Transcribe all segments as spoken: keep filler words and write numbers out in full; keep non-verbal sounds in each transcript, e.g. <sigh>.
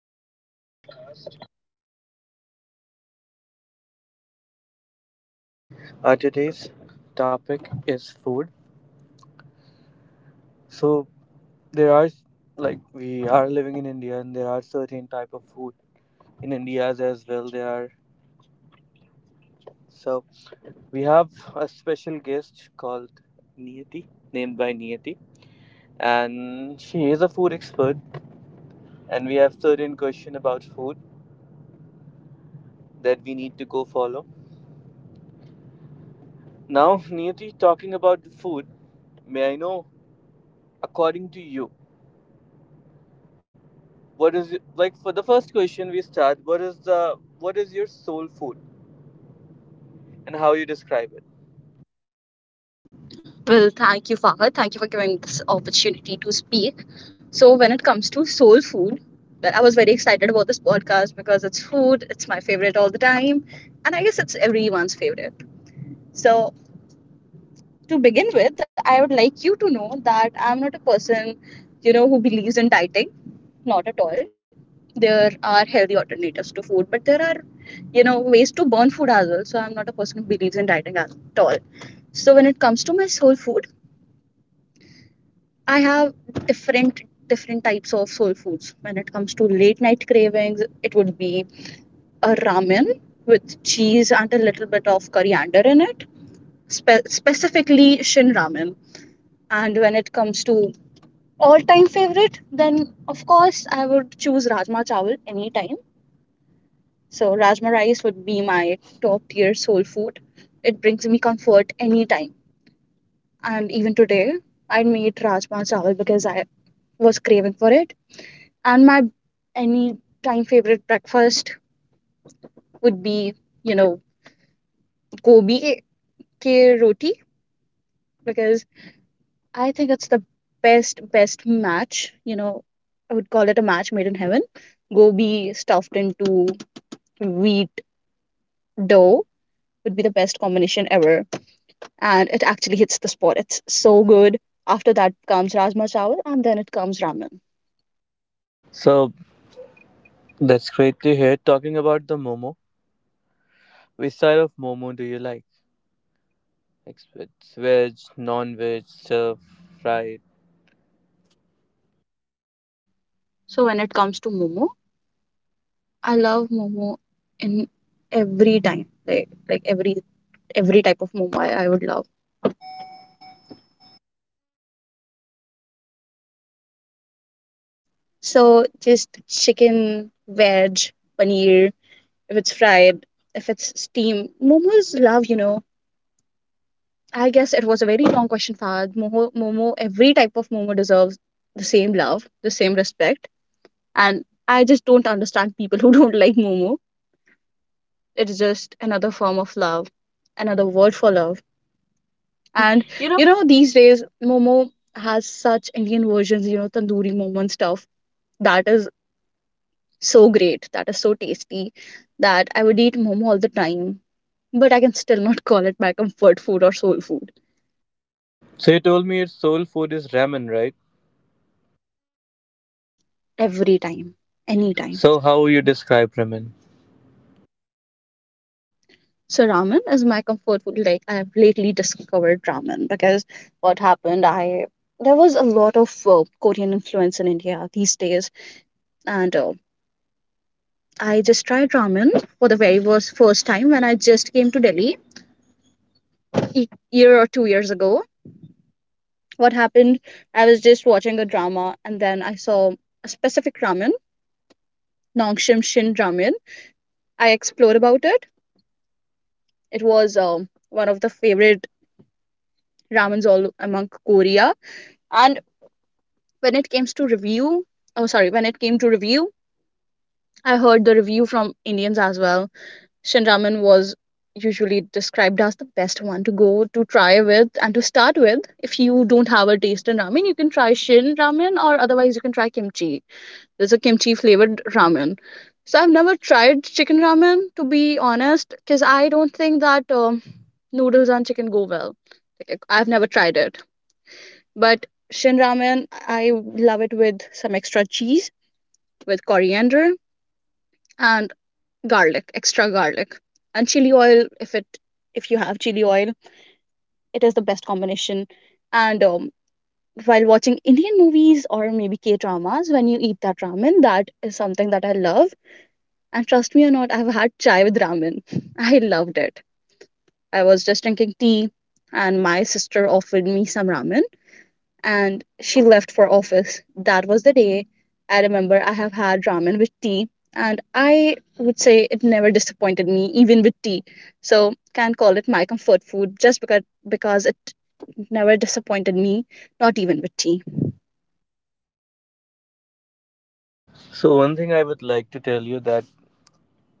podcast. Uh, today's topic is food. So there are, like, we are living in India, and there are certain type of food in India as well. There are, so we have a special guest called Niyati, named by Niyati, and she is a food expert. And we have certain question about food that we need to go follow. Now, Niyati, talking about the food, may I know, according to you, what is, like, for the first question we start, what is the what is your soul food and how you describe it? Well, thank you, Fahad. Thank you for giving me this opportunity to speak. So, when it comes to soul food, well, I was very excited about this podcast because it's food, it's my favorite all the time, and I guess it's everyone's favorite. So, to begin with, I would like you to know that I'm not a person, you know, who believes in dieting, not at all. There are healthy alternatives to food, but there are, you know, ways to burn food as well. So, I'm not a person who believes in dieting at all. So, when it comes to my soul food, I have different different types of soul foods. When it comes to late night cravings, it would be a ramen with cheese and a little bit of coriander in it, spe- specifically Shin ramen. And when it comes to all-time favorite, then of course I would choose rajma chawal anytime. So rajma rice would be my top-tier soul food. It brings me comfort anytime. And even today, I made rajma chawal because I was craving for it. And my any time favorite breakfast would be, you know, Gobi ke roti because I think it's the best best match. You know, I would call it a match made in heaven. Gobi stuffed into wheat dough would be the best combination ever, and it actually hits the spot. It's so good. After that comes rajma chawal, and then it comes ramen. So that's great to hear. Talking about the momo, which style of momo do you like? Like, it's veg, non-veg stuff, fried? So when it comes to momo, I love momo in every time, like like every every type of momo I, I would love. So just chicken, veg, paneer, if it's fried, if it's steamed. Momos love, you know. I guess it was a very long question, Fahad. Momo, momo, every type of momo deserves the same love, the same respect. And I just don't understand people <laughs> who don't like momo. It's just another form of love, another word for love. And you know, these days, momo has such Indian versions, you know, tandoori momo and stuff. That is so great, that is so tasty that I would eat momo all the time, but I can still not <laughs> call it my comfort food or soul food So you told me your soul food is ramen, right? every time, anytime. So how you describe ramen? So ramen is my comfort food. Like I have lately discovered ramen because what happened, I there was a lot of uh, Korean influence in India these days, and uh, I just tried ramen for the very first first time when I just came to Delhi a year or two years ago. What happened? I was just watching a drama and then I saw a specific ramen Nongshim Shin Ramen. I explored about it. It was um, one of the favorite ramens all among Korea. And when it came to review, oh sorry, when it came to review, I heard the review from Indians as well. Shin Ramen was usually described as the best one to go to try with and to start with. If you don't have a taste in ramen, you can try Shin Ramen or otherwise you can try kimchi. There's a kimchi flavored ramen. So I've never tried chicken ramen to be honest, because I don't think that um, noodles and chicken go well. Like, I've never tried it, but Shin ramen, I love it with some extra cheese, with coriander and garlic, extra garlic, and chili oil. If it, if you have chili oil, it is the best combination. And um, while watching Indian movies or maybe K dramas, when you eat that ramen, that is something that I love. And trust me or not, I've had chai with ramen. <laughs> I loved it. I was just drinking tea, and my sister offered me some ramen and she left for office. That was the day I remember I have had ramen with tea, and I would say it never disappointed me, even with tea. So can call it my comfort food just because because it never disappointed me, not even with tea. So one thing I would like to tell you, that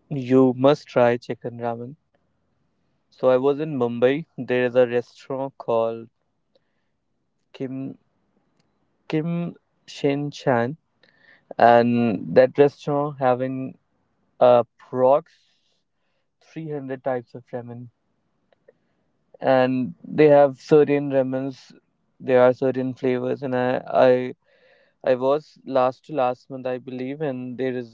you must try chicken ramen. So I was in Mumbai. There is a restaurant called kim kim Shin Chan, and that restaurant having approx three hundred types of ramen, and they have certain ramens, there are certain flavors, and i i i was last to last month, I believe, and there is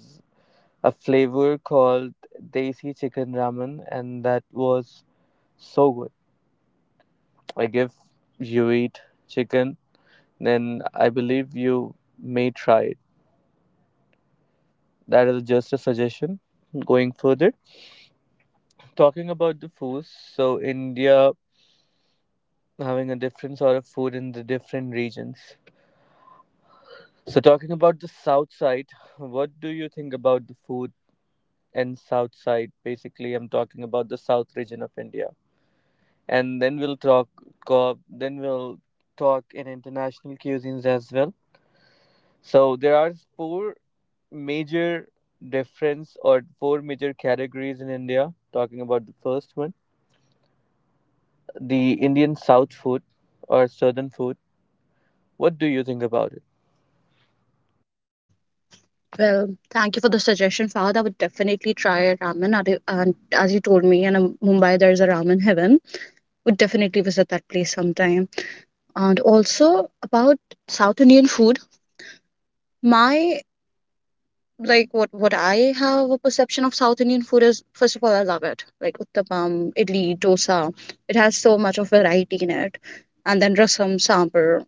a flavor called desi chicken ramen and that was so good. Like, if you eat chicken, then I believe you may try it. That is just a suggestion. Going further, talking about the foods, so India having a different sort of food in the different regions. So talking about the south side, what do you think about the food and south side? Basically, I'm talking about the south region of India, and then we'll talk. co- Then we'll talk in international cuisines as well. So there are four major difference, or four major categories in India. Talking about the first one, the Indian South food or Southern food, what do you think about it? Well, thank you for the suggestion, Fahad. I would definitely try ramen. And as you told me, in um, Mumbai, there's a ramen heaven. Would definitely visit that place sometime. And also about South Indian food, my like what what I have a perception of South Indian food is first of all I love it. Like uttapam, idli, dosa. It has so much of variety in it. And then rasam, sambar,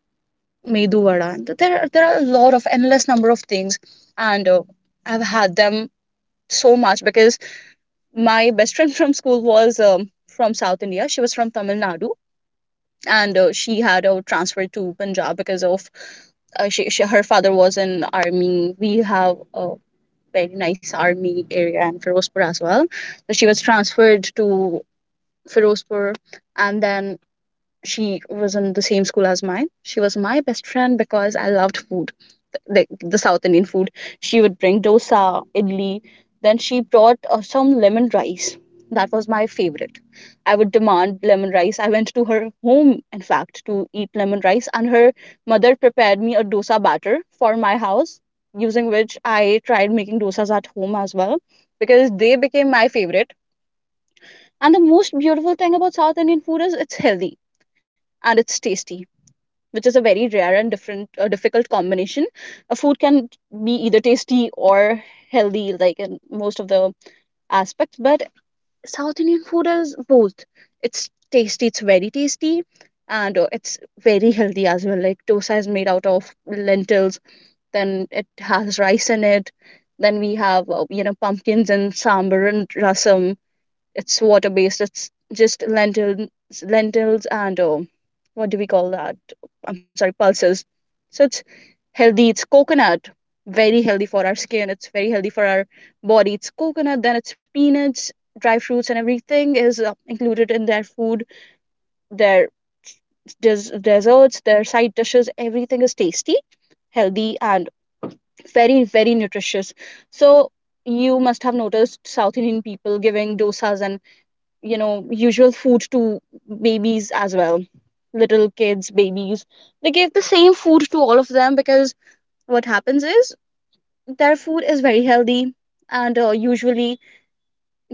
medu vada. and th- There are- there are a lot of endless number of things and uh, I've had them so much because my best friend from school was um, from South India. She was from Tamil Nadu and uh, she had uh, transferred to Punjab because of uh, she, she her father was in army. We have a very nice army area in Firozpur as well. So she was transferred to Firozpur, and then she was in the same school as mine. She was my best friend because I loved food like the South Indian food. She would bring dosa, idli. Then she brought uh, some lemon rice. That was my favorite. I would demand lemon rice. I went to her home, in fact, to eat lemon rice, and her mother prepared me a dosa batter for my house, using which I tried making dosas at home as well, because they became my favorite. And the most beautiful thing about South Indian food is it's healthy and it's tasty which is a very rare and different uh, difficult combination. A food can be either tasty or healthy, like in most of the aspects. But South Indian food is both. It's tasty. It's very tasty. And uh, it's very healthy as well. Like dosa is made out of lentils, then it has rice in it. Then we have, uh, you know, pumpkins and sambar and rasam it's water based. It's just lentils, lentils and um, what do we call that? I'm sorry, pulses. So it's healthy. It's coconut, very healthy for our skin. It's very healthy for our body. It's coconut, then it's peanuts, dry fruits, and everything is uh, included in their food. Their des- desserts, their side dishes, everything is tasty, healthy, and very very nutritious. So you must have noticed South Indian people giving dosas and you know usual food to babies as well, little kids, babies, they gave the same food to all of them because what happens is their food is very healthy and uh, usually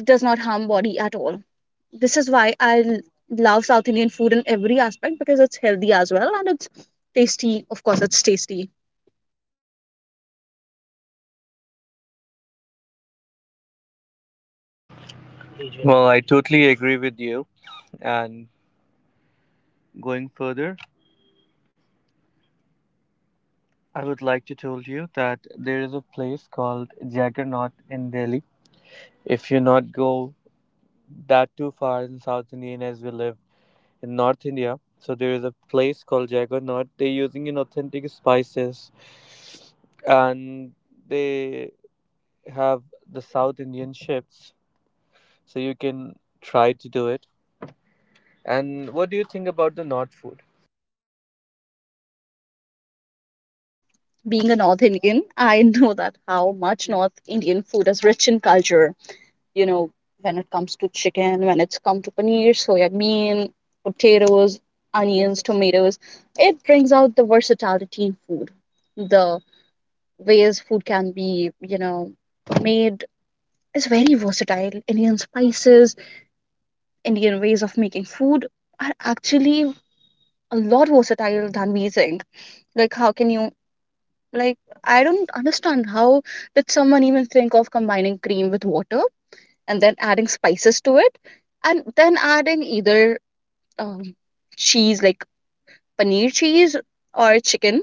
does not harm body at all. This is why i l- love South Indian food in every aspect because it's healthy as well and it's tasty, of course it's tasty. Well, I totally agree with you. And going further, I would like to tell you that there is a place called Jaggernauth in Delhi. If you not go that too far in South Indian, as we live in North India, so there is a place called Jaggernauth. They're using in authentic spices, and they have the South Indian chips, so you can try to do it. And what do you think about the North food? Being a North Indian, I <laughs> know that how much North Indian food is rich in culture, you know, when it comes to chicken, when it's come to paneer, soya bean, potatoes, onions, tomatoes, it brings out the versatility in food. The ways food can be, you know, made is very versatile. Indian spices, Indian ways of making food are actually a lot versatile than we think. Like, how can you, like, I don't understand how did someone even think of combining cream with water? And then adding spices to it and then adding either um, cheese like paneer cheese or chicken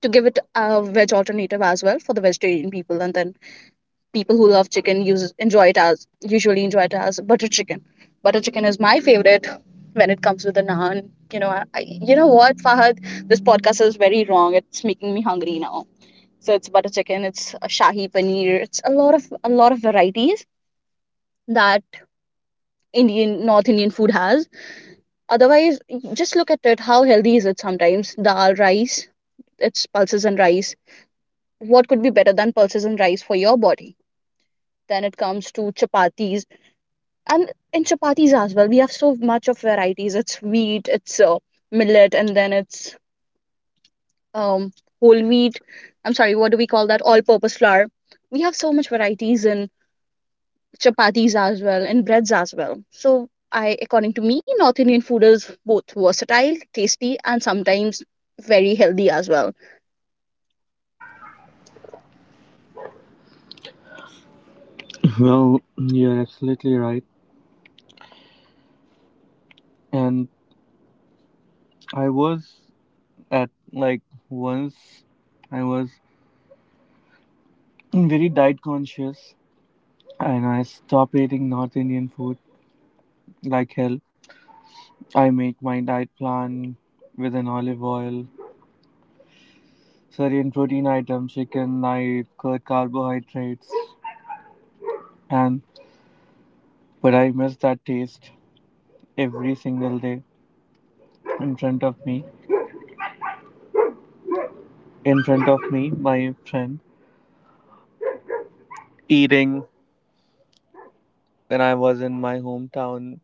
to give it a veg alternative as well for the vegetarian people. And then people who love chicken use enjoy it as usually enjoy it as butter chicken. Butter chicken is my favorite when it comes with the naan. You know, I, I, you know what Fahad, this podcast is very wrong, it's making me hungry now. So it's butter chicken, it's a shahi paneer, it's a lot of a lot of varieties that Indian North Indian food has. Otherwise, y- just look at it. How healthy is it sometimes? Dal, rice, it's pulses and rice. What could be better than pulses and rice for your body? Then it comes to chapatis. And in chapatis as well, we have so much of varieties. It's wheat, it's uh, millet, and then it's um, whole wheat. I'm sorry, what do we call that? All purpose flour. We have so much varieties in chapatis as well and breads as well. So I according to me North Indian food is both versatile, tasty and sometimes very healthy as well. Well, you're absolutely right. And I was at, like, once I was very diet conscious and I stopped eating North Indian food like hell. I make my diet plan with an olive oil, certain protein items, chicken, light, curd carbohydrates, and but I miss that taste every single day in front of me, in front of me my friend eating, when I was in my hometown,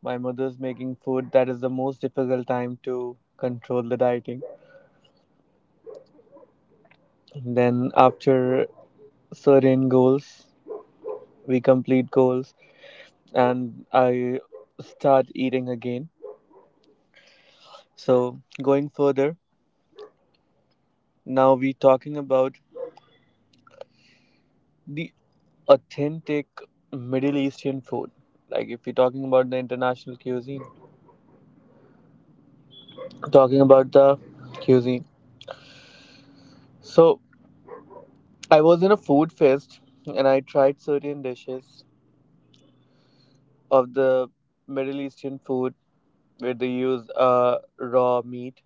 my mother's making food. That is the most difficult time to control the dieting. Then after certain goals, we complete goals, and I start eating again. So going further, now we talking about the authentic Middle Eastern food. Like if you're talking about the international cuisine, talking about the cuisine. So I was in a food fest and I tried certain dishes of the Middle Eastern food where they use uh, raw meat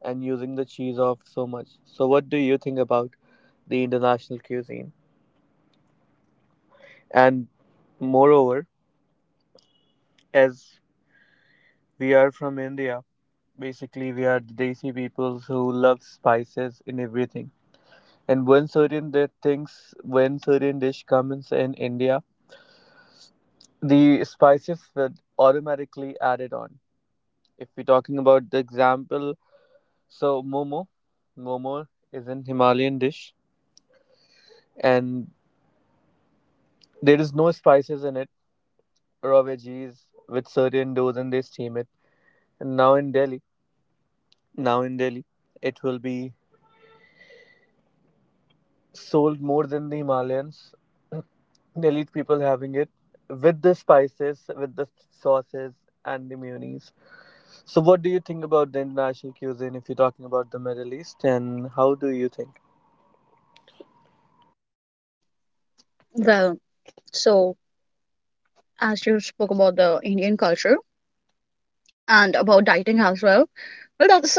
and using the cheese off so much. So, what do you think about the international cuisine? And moreover, as we are from India, basically we are the desi peoples who love spices in everything. And when certain di- things, when certain dish comes in India, the spices were automatically added on. If we're talking about the example, so momo, momo is an Himalayan dish, and there is no spices in it, raw veggies with certain doughs and they steam it. And now in Delhi, now in Delhi, it will be sold more than the Himalayans. Delhi people having it with the spices, with the sauces and the mayonnaise. So what do you think about the international cuisine, if you're talking about the Middle East, and how do you think? Well, so as you spoke about the Indian culture and about dieting as well, well, that's a,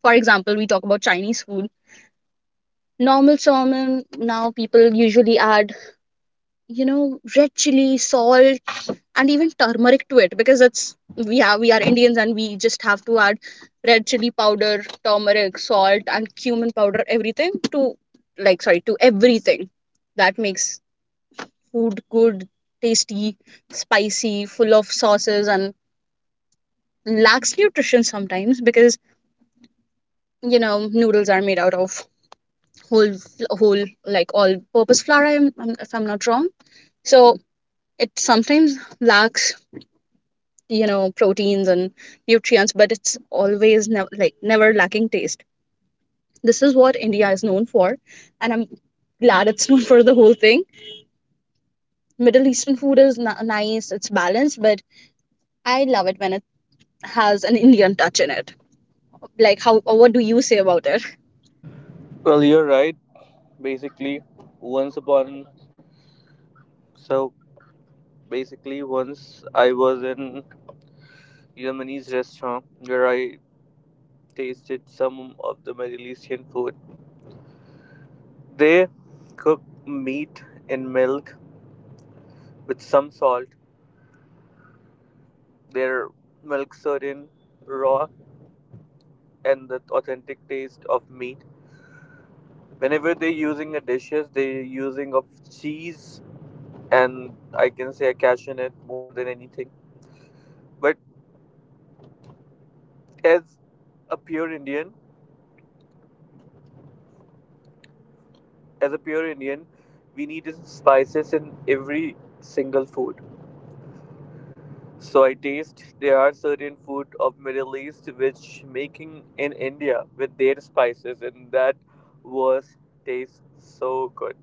for example, we talk about Chinese food. Normal salmon, now people usually add, you know, red chili, salt, and even turmeric to it because it's we have we are Indians and we just have to add red chili powder, turmeric, salt, and cumin powder, everything to, like, sorry, to everything that makes food good, tasty, spicy, full of sauces and lacks nutrition sometimes because you know noodles are made out of whole whole like all purpose flour I'm, I'm- if I'm not wrong. So it sometimes lacks, you know, proteins and nutrients, but it's always nev- like never lacking taste. This is what India is known for, and I'm glad it's known <laughs> for the whole thing. Middle eastern food is n- nice, it's balanced, but I love it when it has an Indian touch in it. Like how, what do you say about it? Well, you're right. Basically, once upon so basically once I was in Yemenis restaurant where I tasted some of the Middle Eastern food. They cook meat in milk with some salt. Their milk certain raw and the authentic taste of meat. Whenever they're using the dishes, they're using of cheese and I can say a cashew in it more than anything. But as a pure Indian, as a pure Indian, we need spices in every single food. So I taste there are certain food of Middle East which making in India with their spices and that was taste so good.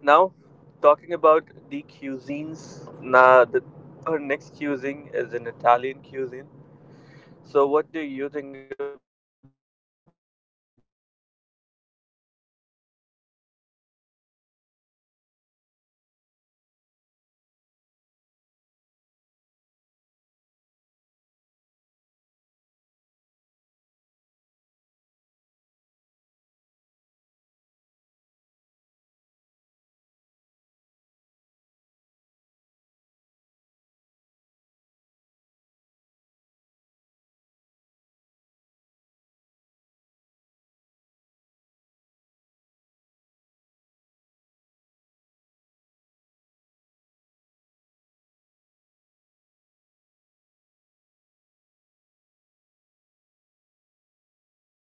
Now talking about the cuisines, now the our next cuisine is an Italian cuisine. So what do you think about the Italian cuisine? So if we talking about this Italian cuisine, there are certain sort of pasta where you can see that pizza, spaghetti, saria, and there are certain drinks as well. Talking, if we're talking about the tequilas with their food, how can we forget? So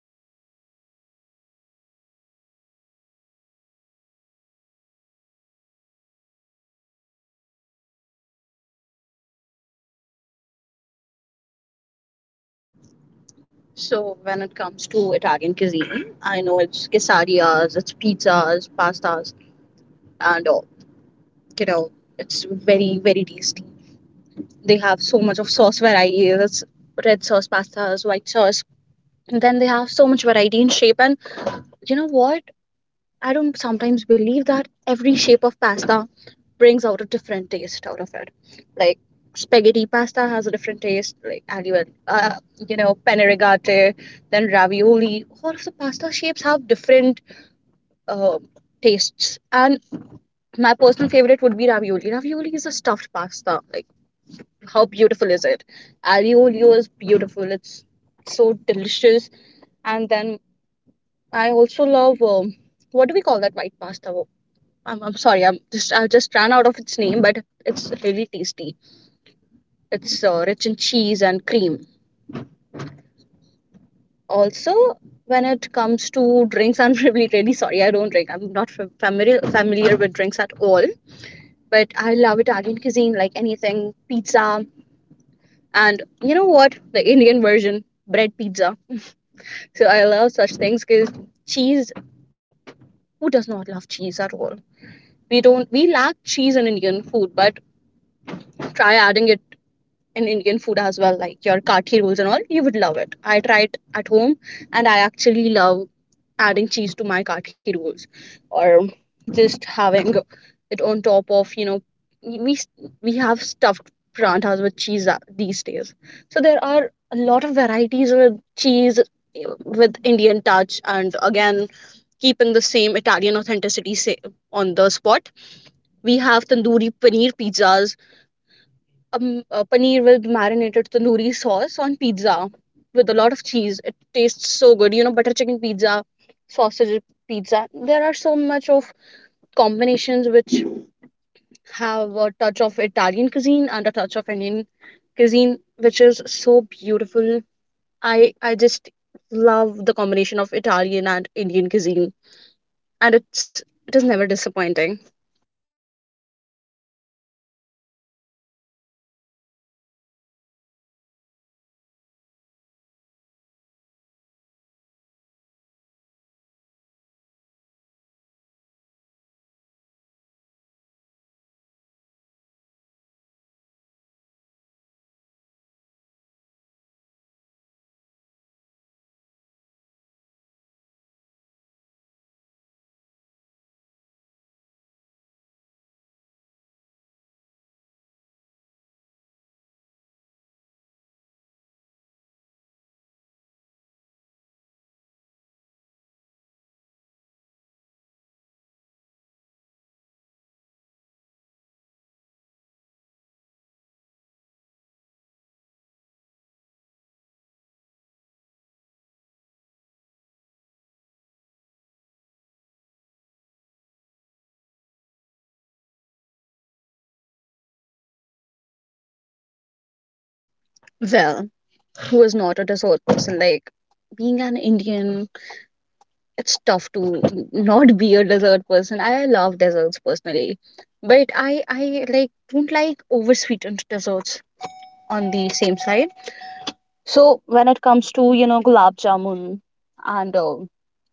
they also celebrate food like India, but there are certain specific food where they eat. So what do you think about it? So when it comes to Italian cuisine, I know it's quesadillas, it's pizzas, pastas, and all. You know, it's very very tasty. They have so much of sauce varieties. It's red sauce pastas, white sauce. And then they have so much variety in shape. And you know what? I don't sometimes believe that every shape of pasta brings out a different taste out of it. Like spaghetti pasta has a different taste, like aglio, uh, you know, penne rigate, then ravioli. All of the pasta shapes have different uh, tastes, and my personal favorite would be ravioli. Ravioli is a stuffed pasta. Like how beautiful is it? Aglio olio is beautiful. It's so delicious, and then I also love um, what do we call that white pasta? I'm, I'm sorry. I'm just I just ran out of its name, but it's really tasty. It's uh, rich in cheese and cream. Also, when it comes to drinks, <laughs> I'm really really sorry. I don't drink. I'm not fam- familiar familiar with drinks at all. But I love Italian cuisine, like anything pizza, and you know what, the Indian version bread pizza. So I love such things because cheese. Who does not love cheese at all? We don't. We lack cheese in Indian food, but try adding it in Indian food as well, like your kathi rolls and all, you would love it. I try it at home and I actually love adding cheese to my kathi rolls or just having it on top of, you know, we we have stuffed paranthas with cheese these days. So there are a lot of varieties with cheese with Indian touch and again keeping the same Italian authenticity sa- on the spot. We have tandoori paneer pizzas, um, uh, paneer with marinated tandoori sauce on pizza with a lot of cheese. It tastes so good. You know, butter chicken pizza, sausage pizza. There are so much of combinations which have a touch of Italian cuisine and a touch of Indian cuisine, which is so beautiful. I I just love the combination of Italian and Indian cuisine, and it's it is never disappointing. Now my mouth filled with water. With the sort of dessert, and if we're talking about cuisines, how can we forget desserts? So if we're talking about the international standards, there are certain desserts which is famous worldwide. Like in India, we have gulab jamun. In certain countries, have their certain dessert. In Arabian countries, there is kanafa and many more. So, first of all, are you love to eat dessert after your food? Like, are you a dessert person or not? Well, who is not a dessert person? Like being an Indian, it's tough to not be a dessert person. I love desserts personally, but I I like don't like oversweetened desserts on the same side. So when it comes to, you know, gulab jamun and uh,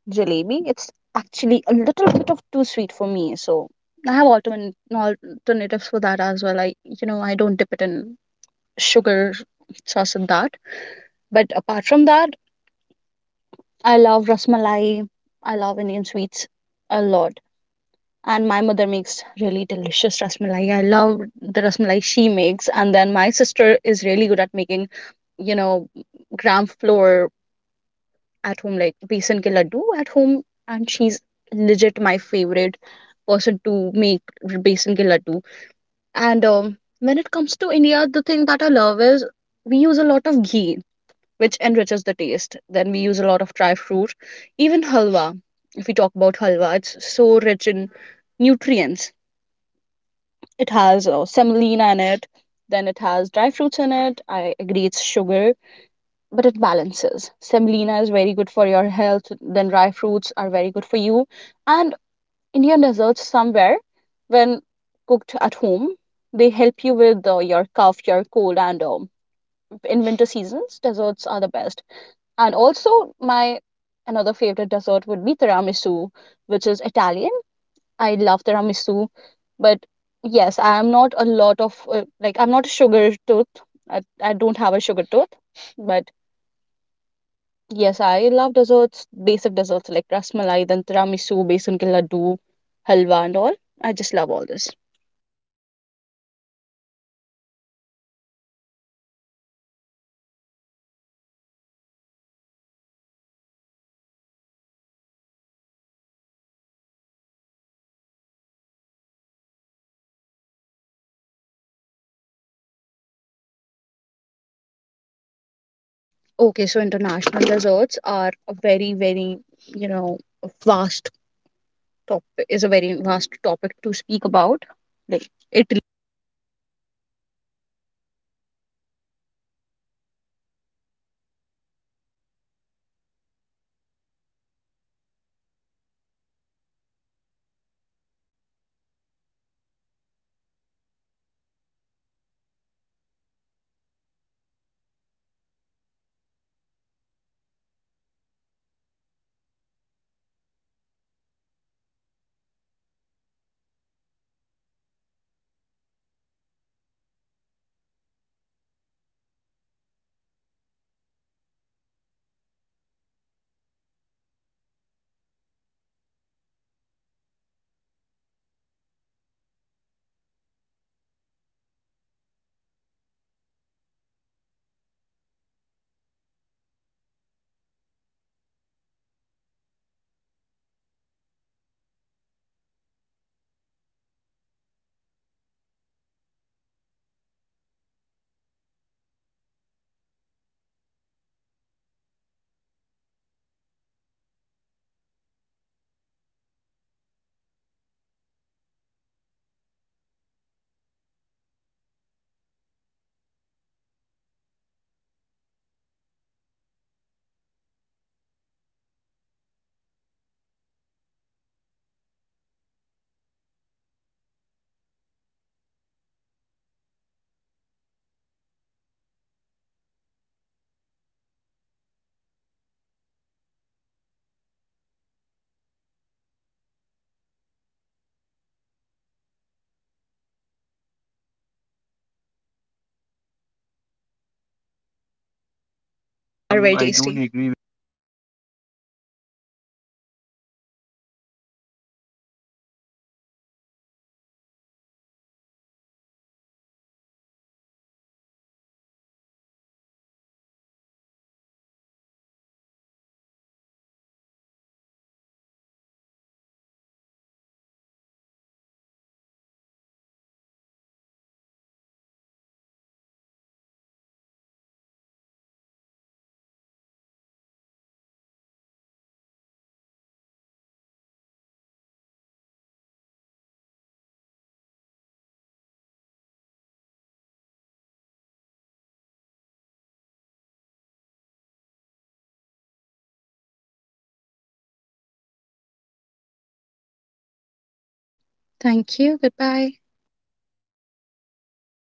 jalebi, it's actually a little bit of too sweet for me. So I have alternate alternatives for that as well. I, you know, I don't dip it in sugar sauce and that. But apart from that, I love rasmalai. I love Indian sweets a lot. And my mother makes really delicious rasmalai. I love the rasmalai she makes, and then my sister is really good at making, you know, gram flour at home, like besan ke laddu at home, and she's legit my favorite person to make besan ke laddu. And um, when it comes to India, the thing that I love is we use a lot of ghee, which enriches the taste. Then we use a lot of dry fruit. Even halwa, if we talk about halwa, it's so rich in nutrients. It has uh, semolina in it, then it has dry fruits in it. I agree it's sugar, but it balances. Semolina is very good for your health, then dry fruits are very good for you. And Indian desserts, somewhere when cooked at home, they help you with uh, your cough, your cold, and um, in winter seasons, desserts are the best. And also, my another favorite dessert would be tiramisu, which is Italian. I love tiramisu, but yes, I am not a lot of uh, like I'm not a sugar tooth. I, I don't have a sugar tooth, but yes, I love desserts, basic desserts like rasmalai, then tiramisu, besan ke laddu, halwa, and all. I just love all this. That's great to hear. And now we're talking about the international desserts. So, talking about the international cuisine as we talk about the foods and their conservatives. So, what do you think about the international cuisine? Okay, so international desserts are a very, very you know vast topic, is a very vast topic to speak about. Like Italy Uh, um, are I very I don't don't tasty. agree Agree with you. I believe kheer is an Indian dish. Thank you so much for letting me know. So, from the from my childhood to this age, I believe the kheer is an Indian dish. And thank you so much for letting me know that kheer is a <laughs> Pakistani dish that we eat even every Sunday. However, talking about our podcast, I believe it's going well, and there are certain lot of knowledge for our listeners. Neti, thank you so much for joining us today for this beautiful conversation. I really appreciate that you come and give your opinion to this. Have a great day ahead, guys. Thank you so much. Bye bye now. Thank you. Goodbye.